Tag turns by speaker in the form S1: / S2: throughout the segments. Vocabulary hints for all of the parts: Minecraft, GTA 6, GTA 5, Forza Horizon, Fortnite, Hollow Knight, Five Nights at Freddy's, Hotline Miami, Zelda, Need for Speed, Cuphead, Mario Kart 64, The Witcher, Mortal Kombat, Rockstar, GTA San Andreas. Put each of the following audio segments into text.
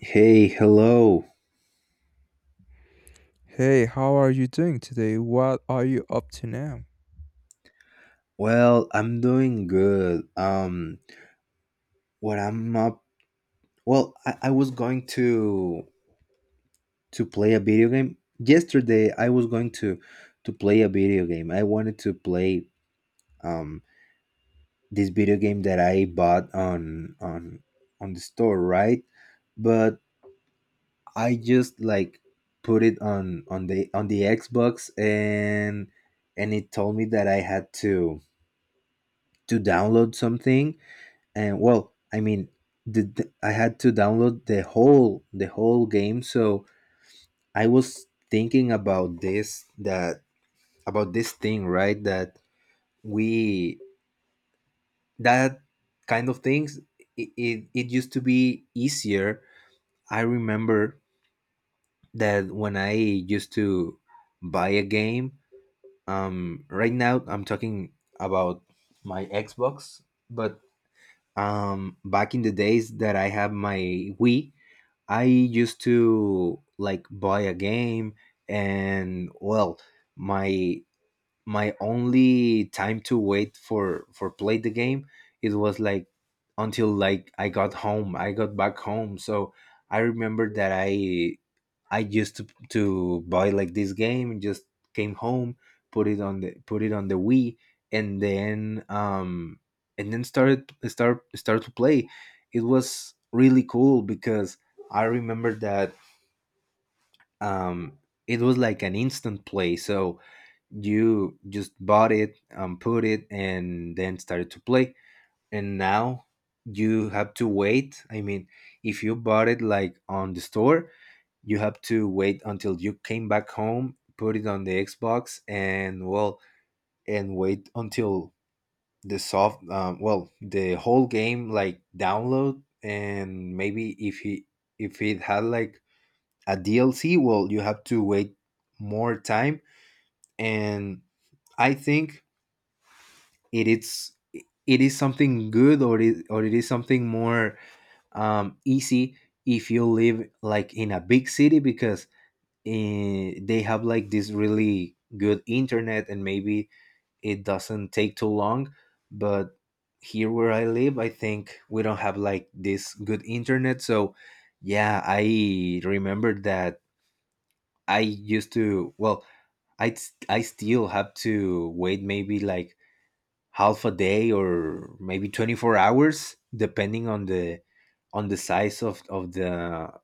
S1: Hey, hello.
S2: Hey, how are you doing today? What are you up to now?
S1: Well, I'm doing good. What I'm up. Well, I was going to play a video game yesterday. I was going to play a video game. I wanted to play um this video game that I bought on the store, right? But I just like put it on the Xbox and it told me that I had to download something and I had to download the whole game. So I was thinking about this that about this thing, right, we that kind of things. It used to be easier. I remember that when I used to buy a game. Right now I'm talking about my Xbox, but back in the days that I have my Wii, I used to like buy a game, and well, my my only time to wait for play the game, it was like until like I got home, I got back home. So I remember that I used to buy like this game and just came home, put it on the put it on the Wii, and then started start start to play. It was really cool because I remember that um it was like an instant play. So you just bought it and put it and then started to play. And now you have to wait, I mean, if you bought it like on the store, you have to wait until you came back home, put it on the Xbox, and well, and wait until the soft well the whole game like download. And maybe if he if it had like a DLC, well, you have to wait more time. And I think it is, it is something good, or or it is something more easy if you live like in a big city, because they have like this really good internet and maybe it doesn't take too long. But here where I live, I think we don't have like this good internet. So yeah, I remember that I used to well i I still have to wait maybe like half a day or maybe 24 hours, depending on the size of the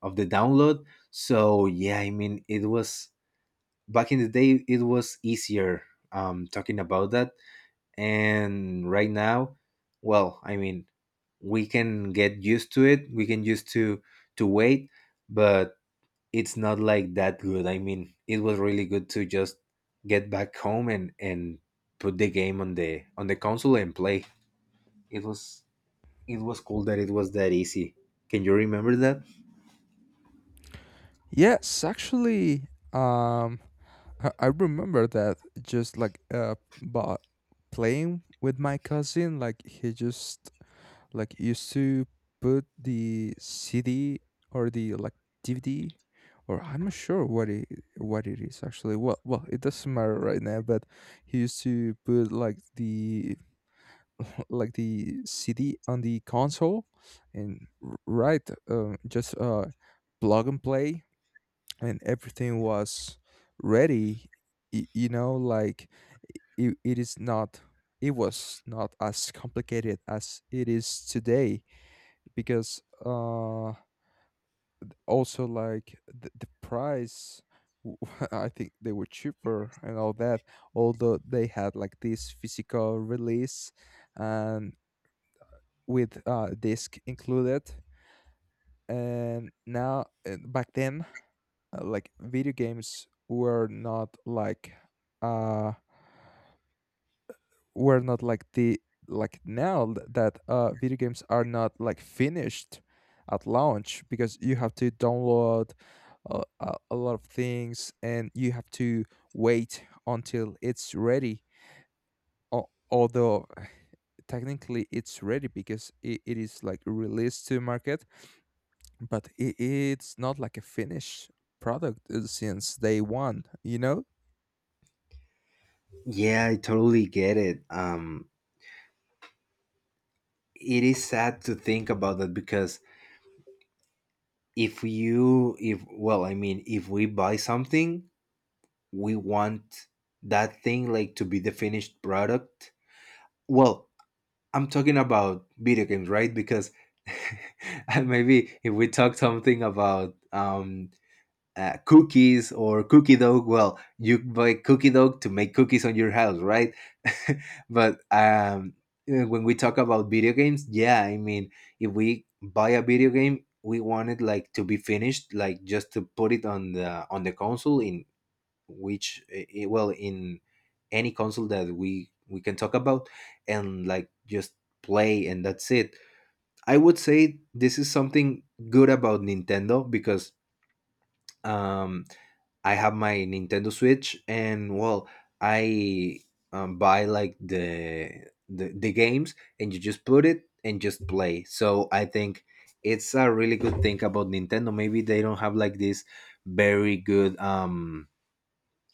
S1: of the download. So yeah, I mean, it was, back in the day it was easier, talking about that. And right now, well, I mean, we can get used to it, we can used to wait. But it's not like that good. I mean, it was really good to just get back home and put the game on the console and play. It was, it was cool that it was that easy. Can you remember that?
S2: Yes, actually, um, I remember that, just like but playing with my cousin. Like, he just like used to put the CD or the like DVD, or I'm not sure what it is actually. Well, it doesn't matter right now, but he used to put like the like the CD on the console, and right, just plug and play, and everything was ready. You know, like it is not, it was not as complicated as it is today because also like the price. w- I think they were cheaper and all that, although they had like this physical release, and with disc included. And now, back then, like video games were not uh like the, like now that video games are not like finished at launch, because you have to download a lot of things, and you have to wait until it's ready. Although technically it's ready because it is like released to market, but I it's not like a finished product, since day one, you know.
S1: Yeah, I totally get it. It is sad to think about that because if you, if, well, I mean, if we buy something, we want that thing like to be the finished product. Well, I'm talking about video games, right? Because and maybe if we talk something about cookies or cookie dough. Well, you buy cookie dough to make cookies on your house, right? but when we talk about video games, yeah, I mean, if we buy a video game, we want it like to be finished, like just to put it on the console in which I- well in any console that we can talk about and like just play and that's it. I would say this is something good about Nintendo because um I have my Nintendo Switch, and well, I buy like the games, and you just put it and just play. So I think it's a really good thing about Nintendo. Maybe they don't have like this very good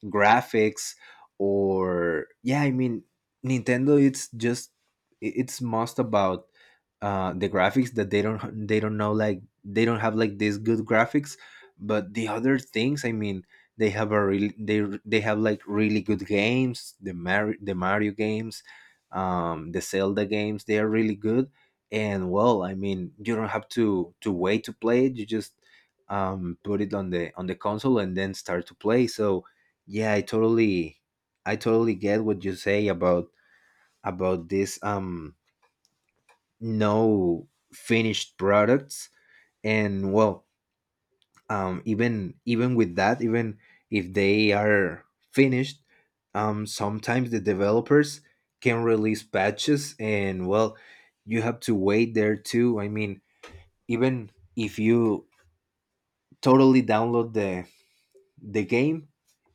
S1: graphics, or yeah, I mean, Nintendo, it's just it's most about the graphics, that they don't have like these good graphics. But the other things, I mean, they have a really, they have like really good games, the the mario games, the Zelda games, they are really good. And well, I mean, you don't have to wait to play it, you just put it on the console and then start to play. So yeah, I totally, I totally get what you say about this no finished products. And well, even, even with that, even if they are finished, sometimes the developers can release patches. And well, you have to wait there too, I mean, even if you totally download the game,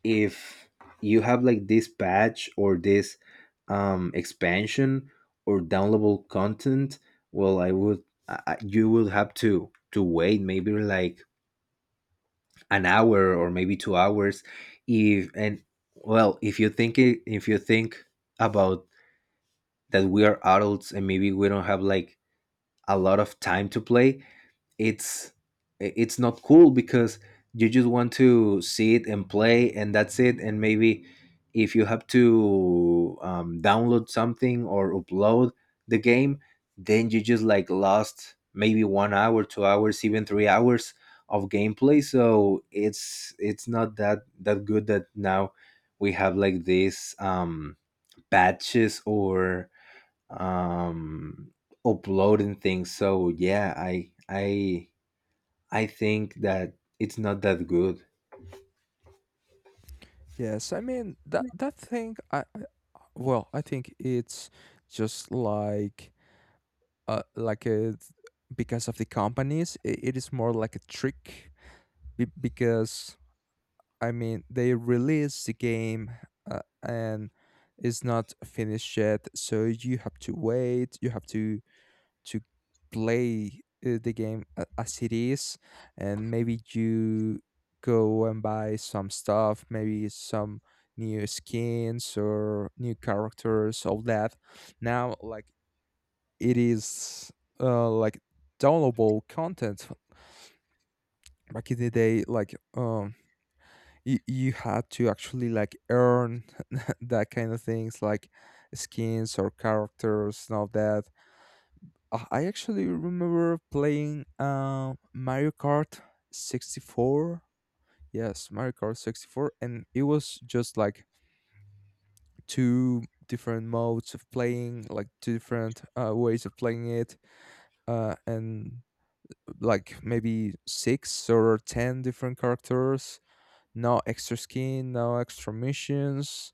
S1: if you have like this patch or this expansion or downloadable content, well, I would I- you will have to wait maybe like an hour or maybe 2 hours. If and Well, if you think it, if you think about that, we are adults and maybe we don't have like a lot of time to play. it's it's not cool because you just want to see it and play and that's it. And maybe if you have to download something or upload the game, then you just like lost maybe 1 hour, 2 hours, even 3 hours of gameplay. So it's not that that good that now we have like these patches or um uploading things. So yeah, I think that it's not that good.
S2: Yes, I mean, that thing, I well, I think it's just like a because of the companies, I it is more like a trick, because I mean, they release the game, and it's not finished yet, so you have to wait, you have to play the game as it is. And maybe you go and buy some stuff, maybe some new skins or new characters, all that. Now like, it is like downloadable content. Back in the day, like you had to actually like earn that kind of things, like skins or characters and all that. I actually remember playing Mario Kart 64. Yes, Mario Kart 64, and it was just like two different modes of playing, like two different ways of playing it, and like maybe 6 or 10 different characters. No extra skin, no extra missions,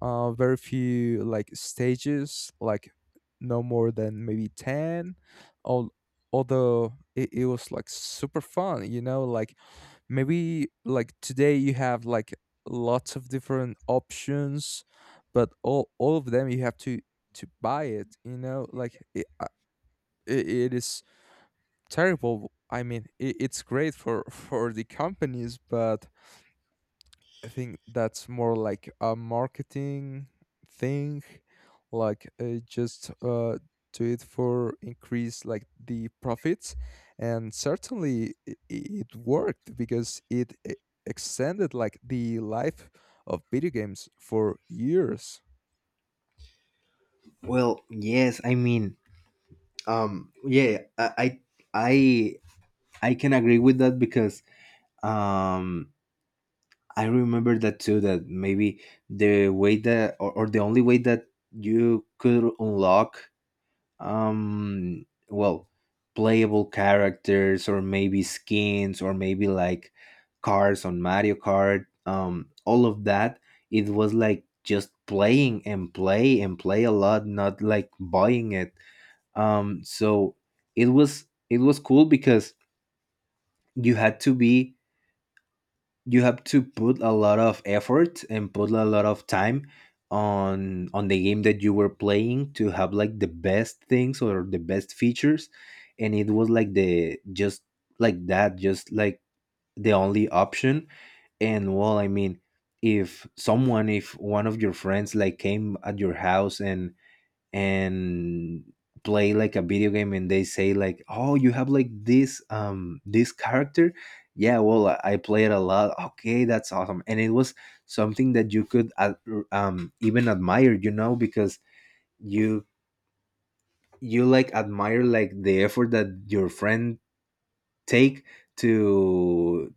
S2: very few like stages, like no more than maybe 10. Al- although it was like super fun, you know, like maybe like today you have like lots of different options, but all of them you have to buy it. You know, like it is terrible. I mean, it's great for for the companies, but I think that's more like a marketing thing, like just do it for increase like the profits, and certainly it worked because it extended like the life of video games for years.
S1: Well, yes, I mean, um, yeah, I, I, I I can agree with that because um, I remember that too. That maybe the way that, or the only way that you could unlock um well playable characters or maybe skins or maybe like cars on Mario Kart, all of that, it was like just playing and play a lot, not like buying it. um so it was, it was cool because you had to be you have to put a lot of effort and put a lot of time on the game that you were playing to have like the best things or the best features. And it was like the just like that just like the only option. And well, I mean, if someone, if one of your friends like came at your house and and play like a video game and they say like, "Oh, you have like this this character." Yeah, well, I play it a lot. Okay, that's awesome. And it was something that you could even admire, you know, because you you like admire like the effort that your friend take to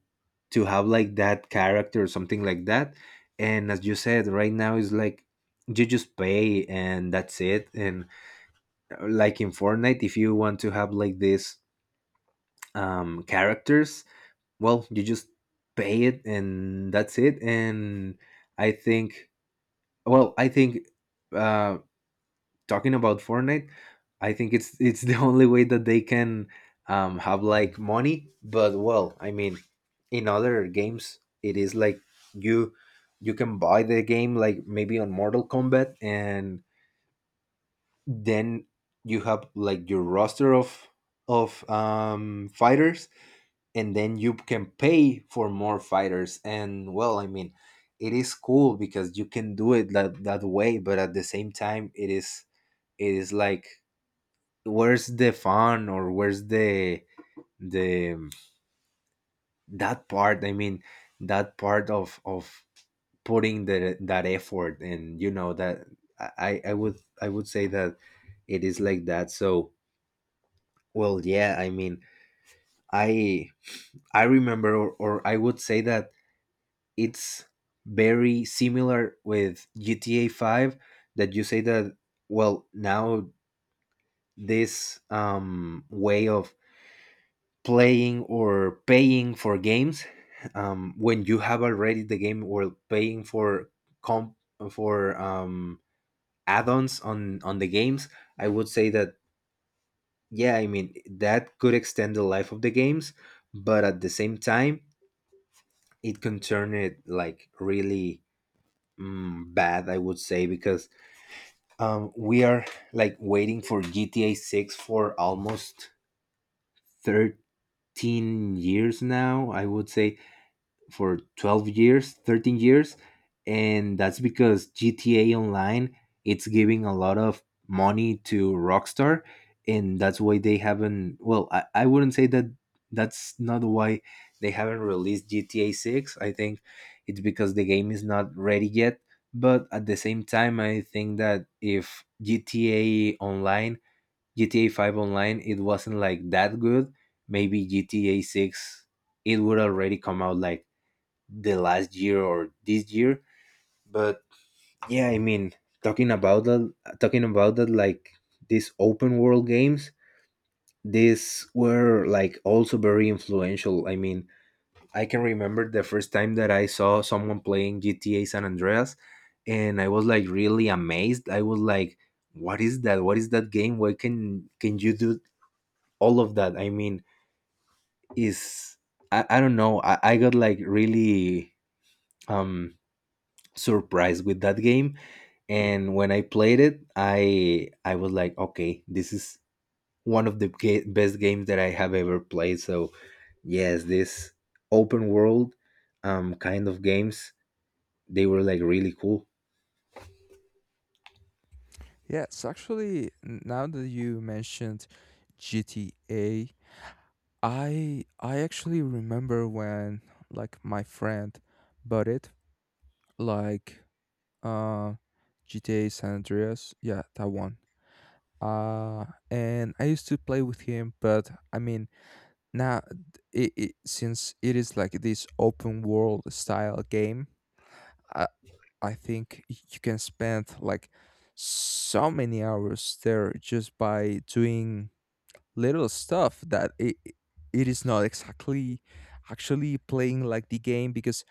S1: to have like that character or something like that. And as you said, right now is like you just pay and that's it. And like in Fortnite, if you want to have like these characters, well, you just pay it and that's it. And I think, well, I think uh, talking about Fortnite, I think it's it's the only way that they can have like money. But well, I mean, in other games, it is like you you can buy the game like maybe on Mortal Kombat, and then you have like your roster of fighters, and then you can pay for more fighters. And well, I mean, it is cool because you can do it that way, but at the same time, it is, it is like, where's the fun, or where's the that part. I mean, that part of putting the that effort and you know that I would say that it is like that. So well, yeah, I mean, I I remember, or I would say that it's very similar with GTA 5, that you say that, well, now this way of playing or paying for games, when you have already the game, or paying for comp for add-ons on the games, I would say that yeah, I mean, that could extend the life of the games, but at the same time, it concerned it like really, bad, I would say, because we are like waiting for GTA 6 for almost 13 years now, I would say, for 12 years, 13 years, and that's because GTA Online it's giving a lot of money to Rockstar. And that's why they haven't. Well, I wouldn't say that, that's not why they haven't released GTA 6. I think it's because the game is not ready yet. But at the same time, I think that if GTA Online, GTA 5 Online, it wasn't like that good, maybe GTA 6 it would already come out like the last year or this year. But yeah, I mean, talking about that, talking about that, like these open world games, these were like also very influential. I mean, I can remember the first time that I saw someone playing GTA San Andreas, and I was like really amazed. I was like, "What is that? What is that game? Why can you do all of that?" I mean, is I don't know. I got like really um surprised with that game. And when I played it, I was like, okay, this is one of the best games that I have ever played. So yes, this open world kind of games, they were like really cool.
S2: Yes, actually, now that you mentioned GTA, I actually remember when like my friend bought it, like uh GTA San Andreas. Yeah, that one. Uh and I used to play with him, but I mean, now it since it is like this open world style game, I I think you can spend like so many hours there just by doing little stuff that it is not exactly actually playing like the game, because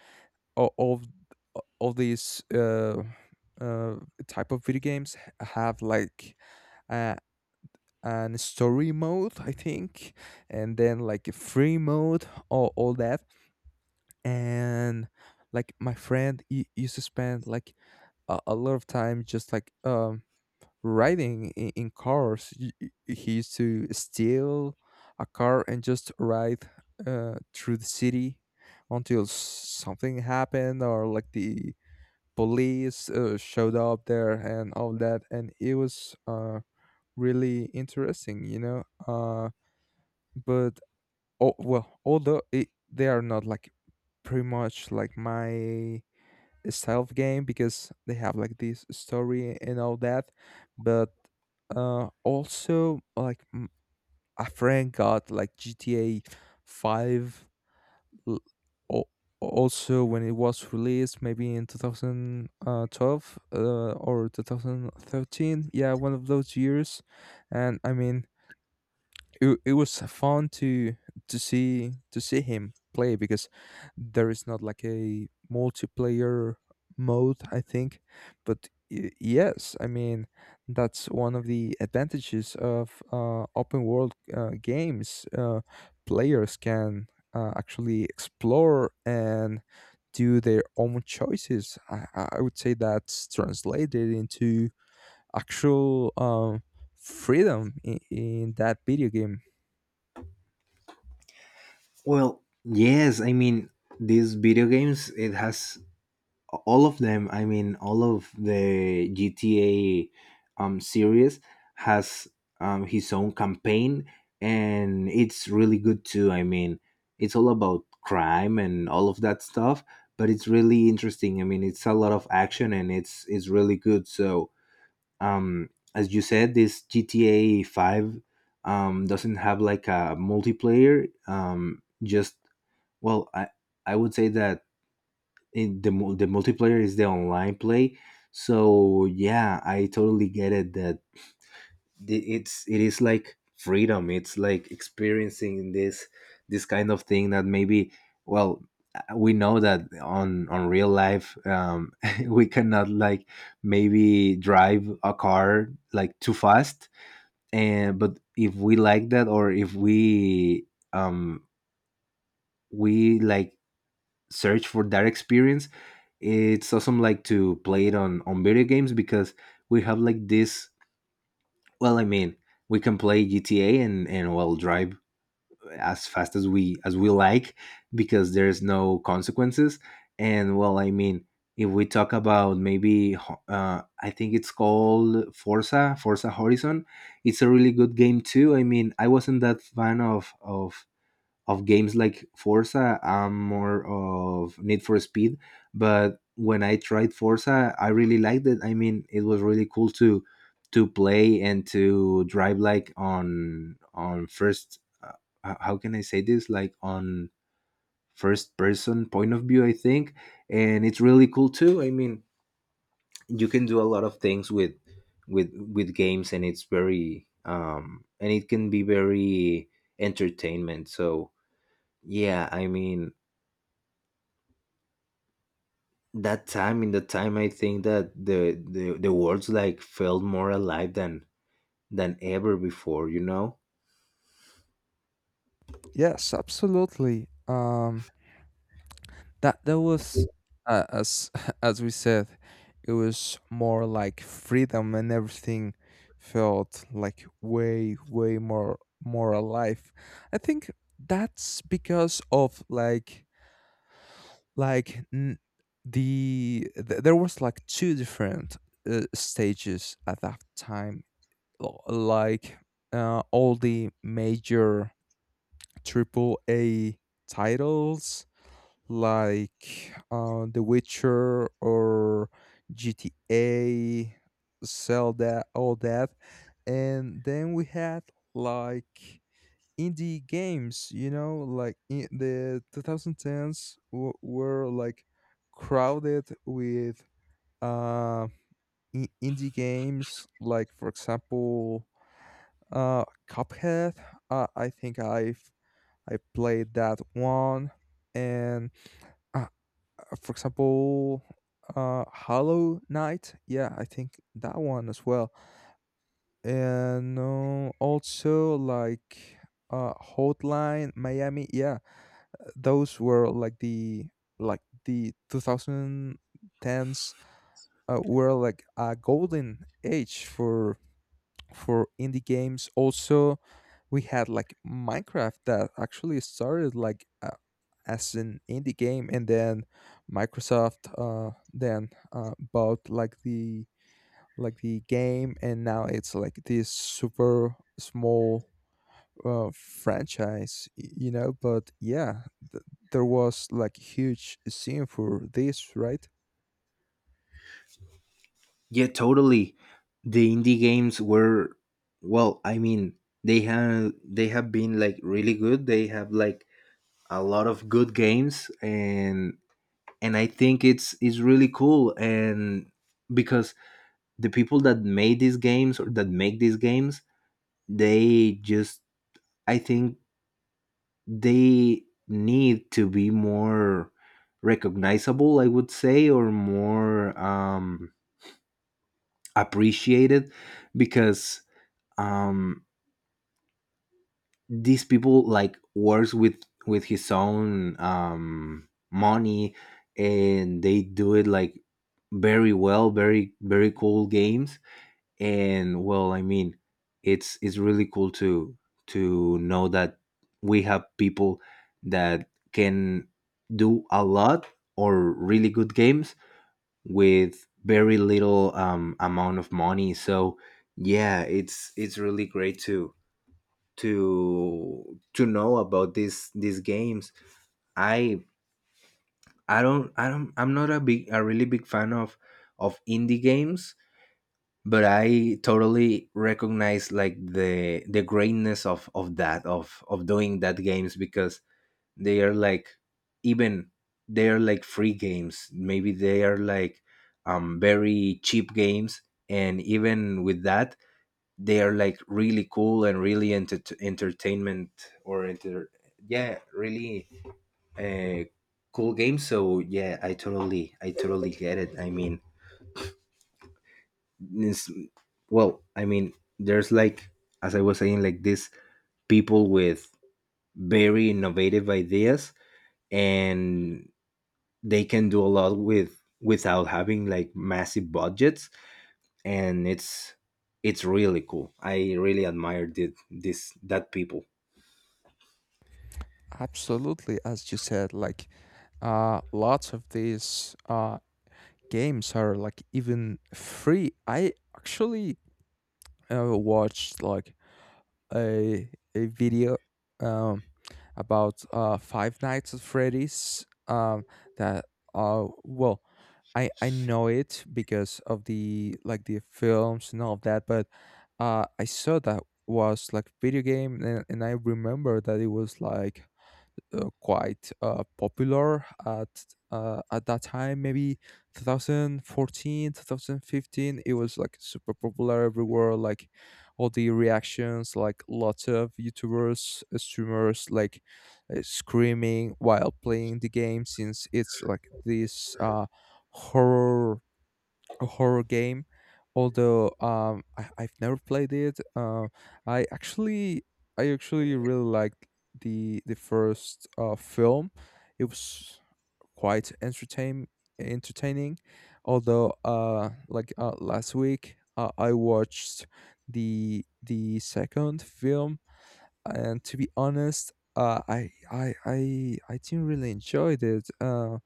S2: o- of of these uh, type of video games have like uh, an story mode, I think, and then like a free mode or all that. And like my friend, he used to spend like a lot of time just like riding in cars. He used to steal a car and just ride through the city until something happened, or like the police showed up there and all that, and it was really interesting, you know. But oh well, although they are not like pretty much like my stealth game, because they have like this story and all that. But also, like a friend got like GTA 5 l- al- also when it was released, maybe in 2012 , or 2013, yeah, one of those years. And I mean it, it was fun to see him play, because there is not like a multiplayer mode, I think. But yes, I mean, that's one of the advantages of open world games. Players can actually explore and do their own choices. I would say that's translated into actual um, freedom in that video game.
S1: Well, yes, I mean, these video games, it has all of them, I mean, all of the GTA series has his own campaign, and it's really good too. I mean, it's all about crime and all of that stuff, but it's really interesting. I mean, it's a lot of action and it's really good. So as you said, this GTA 5 doesn't have like a multiplayer, just, well, I would say that in the the multiplayer is the online play. So yeah, I totally get it that it's, it is like freedom. It's like experiencing this this kind of thing that maybe, well, we know that on real life we cannot like maybe drive a car like too fast. And but if we like that, or if we um we like search for that experience, it's awesome like to play it on video games. Because we have like this, well, I mean, we can play GTA and well, drive as fast as we like, because there's no consequences. And well, I mean, if we talk about maybe I think it's called Forza, Forza Horizon. It's a really good game too. I mean, I wasn't that fan of games like Forza. I'm more of Need for Speed, but when I tried Forza, I really liked it. I mean, it was really cool to play and to drive like on first. How can I say this? Like on first person point of view, I think, and it's really cool too. I mean, you can do a lot of things with games, and it's very and it can be very entertainment. So yeah, I mean, that time, in the time, I think that the world's like felt more alive than ever before, you know.
S2: Yes, absolutely. That was, as as we said, it was more like freedom, and everything felt like way more alive. I think that's because of like there was like two different stages at that time, like all the major triple A titles, like The Witcher or GTA, Zelda, all that. And then we had like indie games, you know, like in the 2010s were like crowded with uh, indie games, like, for example, Cuphead. I think I played that one. And, I for example, Hollow Knight. Yeah, I think that one as well. And also like Hotline Miami. Yeah, those were like the 2010s were like a golden age for indie games. Also, we had like Minecraft, that actually started like as an indie game, and then Microsoft then bought like the game, and now it's like this super small franchise, you know, but yeah, th- there was like huge scene for this, right?
S1: Yeah, totally. The indie games were, well, I mean, they have been like really good. They have like a lot of good games. And I think it's really cool. And because the people that made these games, or that make these games, they just, I think, they need to be more recognizable, I would say, or more appreciated. Because um these people like works with his own money, and they do it like very well, very very cool games. And well, I mean, it's really cool to know that we have people that can do a lot or really good games with very little amount of money. So yeah, it's really great to know about these games. I i don't, I don't I'm not a big, a really big fan of indie games, but I totally recognize like the greatness of that, of doing that games. Because they are like, even, they are like free games, maybe they are like very cheap games. And even with that, they are like really cool and really entertainment, or enter, yeah, really, uh cool games. So yeah, I totally get it. I mean, it's, well, I mean, there's like, as I was saying, like these people with very innovative ideas, and they can do a lot with without having like massive budgets. And it's really cool. I really admire did this that people.
S2: Absolutely. As you said, like lots of these games are like even free. I actually watched like a video um, about Five Nights at Freddy's. That, well, I know it because of the films and all of that, but I saw that was like video game, and I remember that it was like quite popular at that time, maybe 2014, 2015. It was like super popular everywhere, like all the reactions, like lots of YouTubers, streamers, like screaming while playing the game, since it's like this horror horror game, although I've never played it. I actually, really liked the first film. It was quite entertaining. Although, like last week, I watched the second film, and to be honest, I didn't really enjoy it. Uh,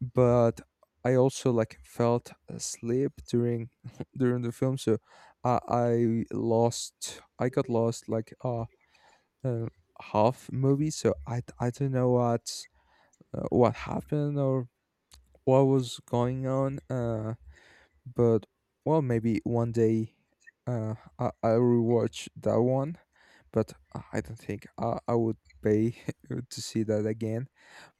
S2: but I also like felt asleep during during the film, so I got lost like uh half movie, so I don't know what happened or what was going on. But well, maybe one day I'll rewatch that one, but I don't think I would pay to see that again.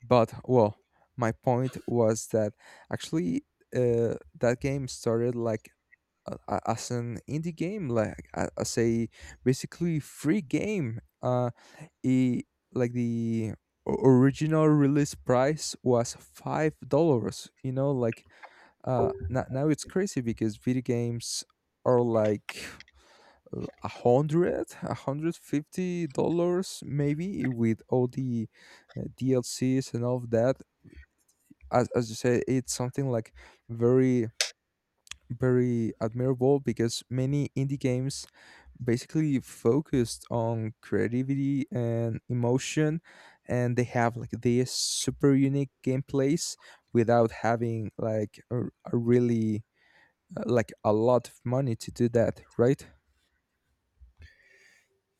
S2: But well, my point was that, actually, uh, that game started like as an indie game, like as a basically free game. It, like the original release price was $5. You know, like now it's crazy because video games are like a hundred fifty dollars maybe, with all the DLCs and all of that. As you say, it's something like very, very admirable, because many indie games basically focused on creativity and emotion, and they have like this super unique gameplays without having like a really, like a lot of money to do that, right?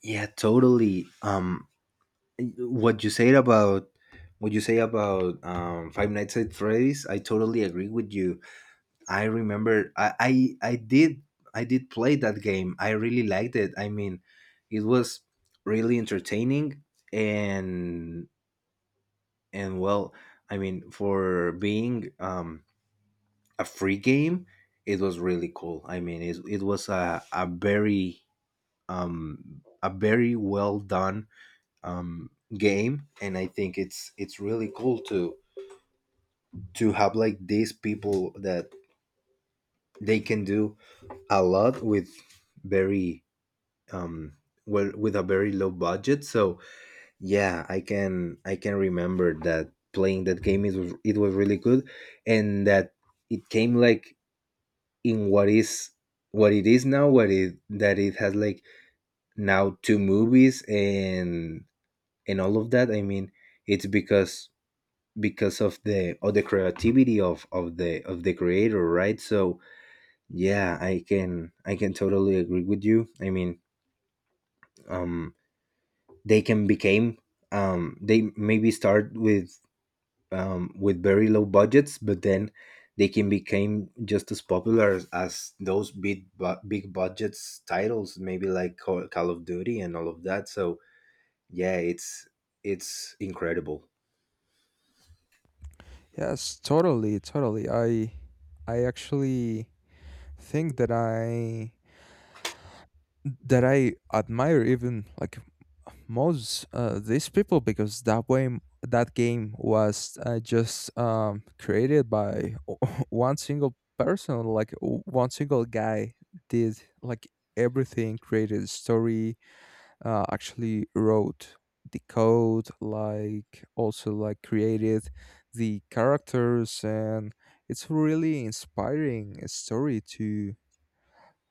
S1: Yeah, totally. What you said about, what you say about Five Nights at Freddy's, I totally agree with you. I remember I did, I did play that game. I really liked it. I mean, it was really entertaining. and and well, I mean, for being a free game, it was really cool. I mean, it was a very well done um, game. And I think it's really cool to have like these people that they can do a lot with very um well, with a very low budget. So yeah, I can remember that playing that game, it was really good. And that it came like in what is, what it is now, what it, that it has like now two movies and all of that. I mean, it's because of the, of the creativity of the creator, right? So yeah, I can totally agree with you. I mean, um they can became they maybe start with very low budgets, but then they can become just as popular as those big big budgets titles, maybe like Call of Duty and all of that. So yeah, it's incredible.
S2: Yes, totally, totally. I actually think that I admire even like most these people, because that way that game was just, created by one single person, like one single guy did like everything, created the story, actually wrote the code, like, also like, created the characters. And it's really inspiring story to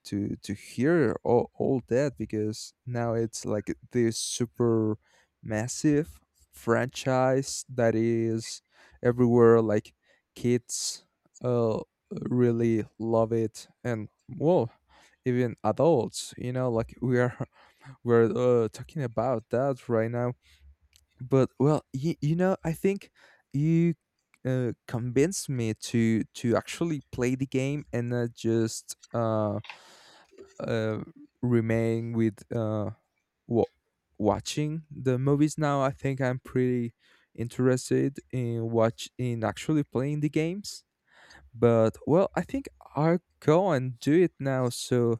S2: to to hear all that, because now it's like this super massive franchise that is everywhere, like kids uh really love it. And well, even adults, you know, like we are we're talking about that right now. But well, you know, I think you convinced me to actually play the game and not just uh, remain with wa watching the movies now. I think I'm pretty interested in actually playing the games. But well, I think I'll go and do it now. So,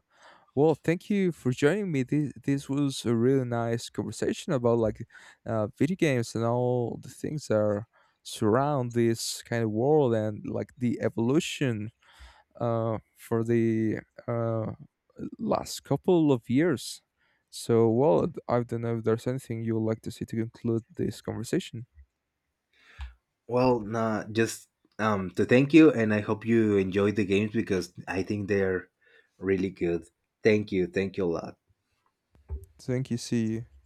S2: well, thank you for joining me. This was a really nice conversation about, like, video games and all the things that are surround this kind of world, and like the evolution for the uh, last couple of years. So, well, I don't know if there's anything you would like to see to conclude this conversation.
S1: Well, nah, just to thank you, and I hope you enjoyed the games because I think they're really good. Thank you, thank you a lot.
S2: Thank you. See you.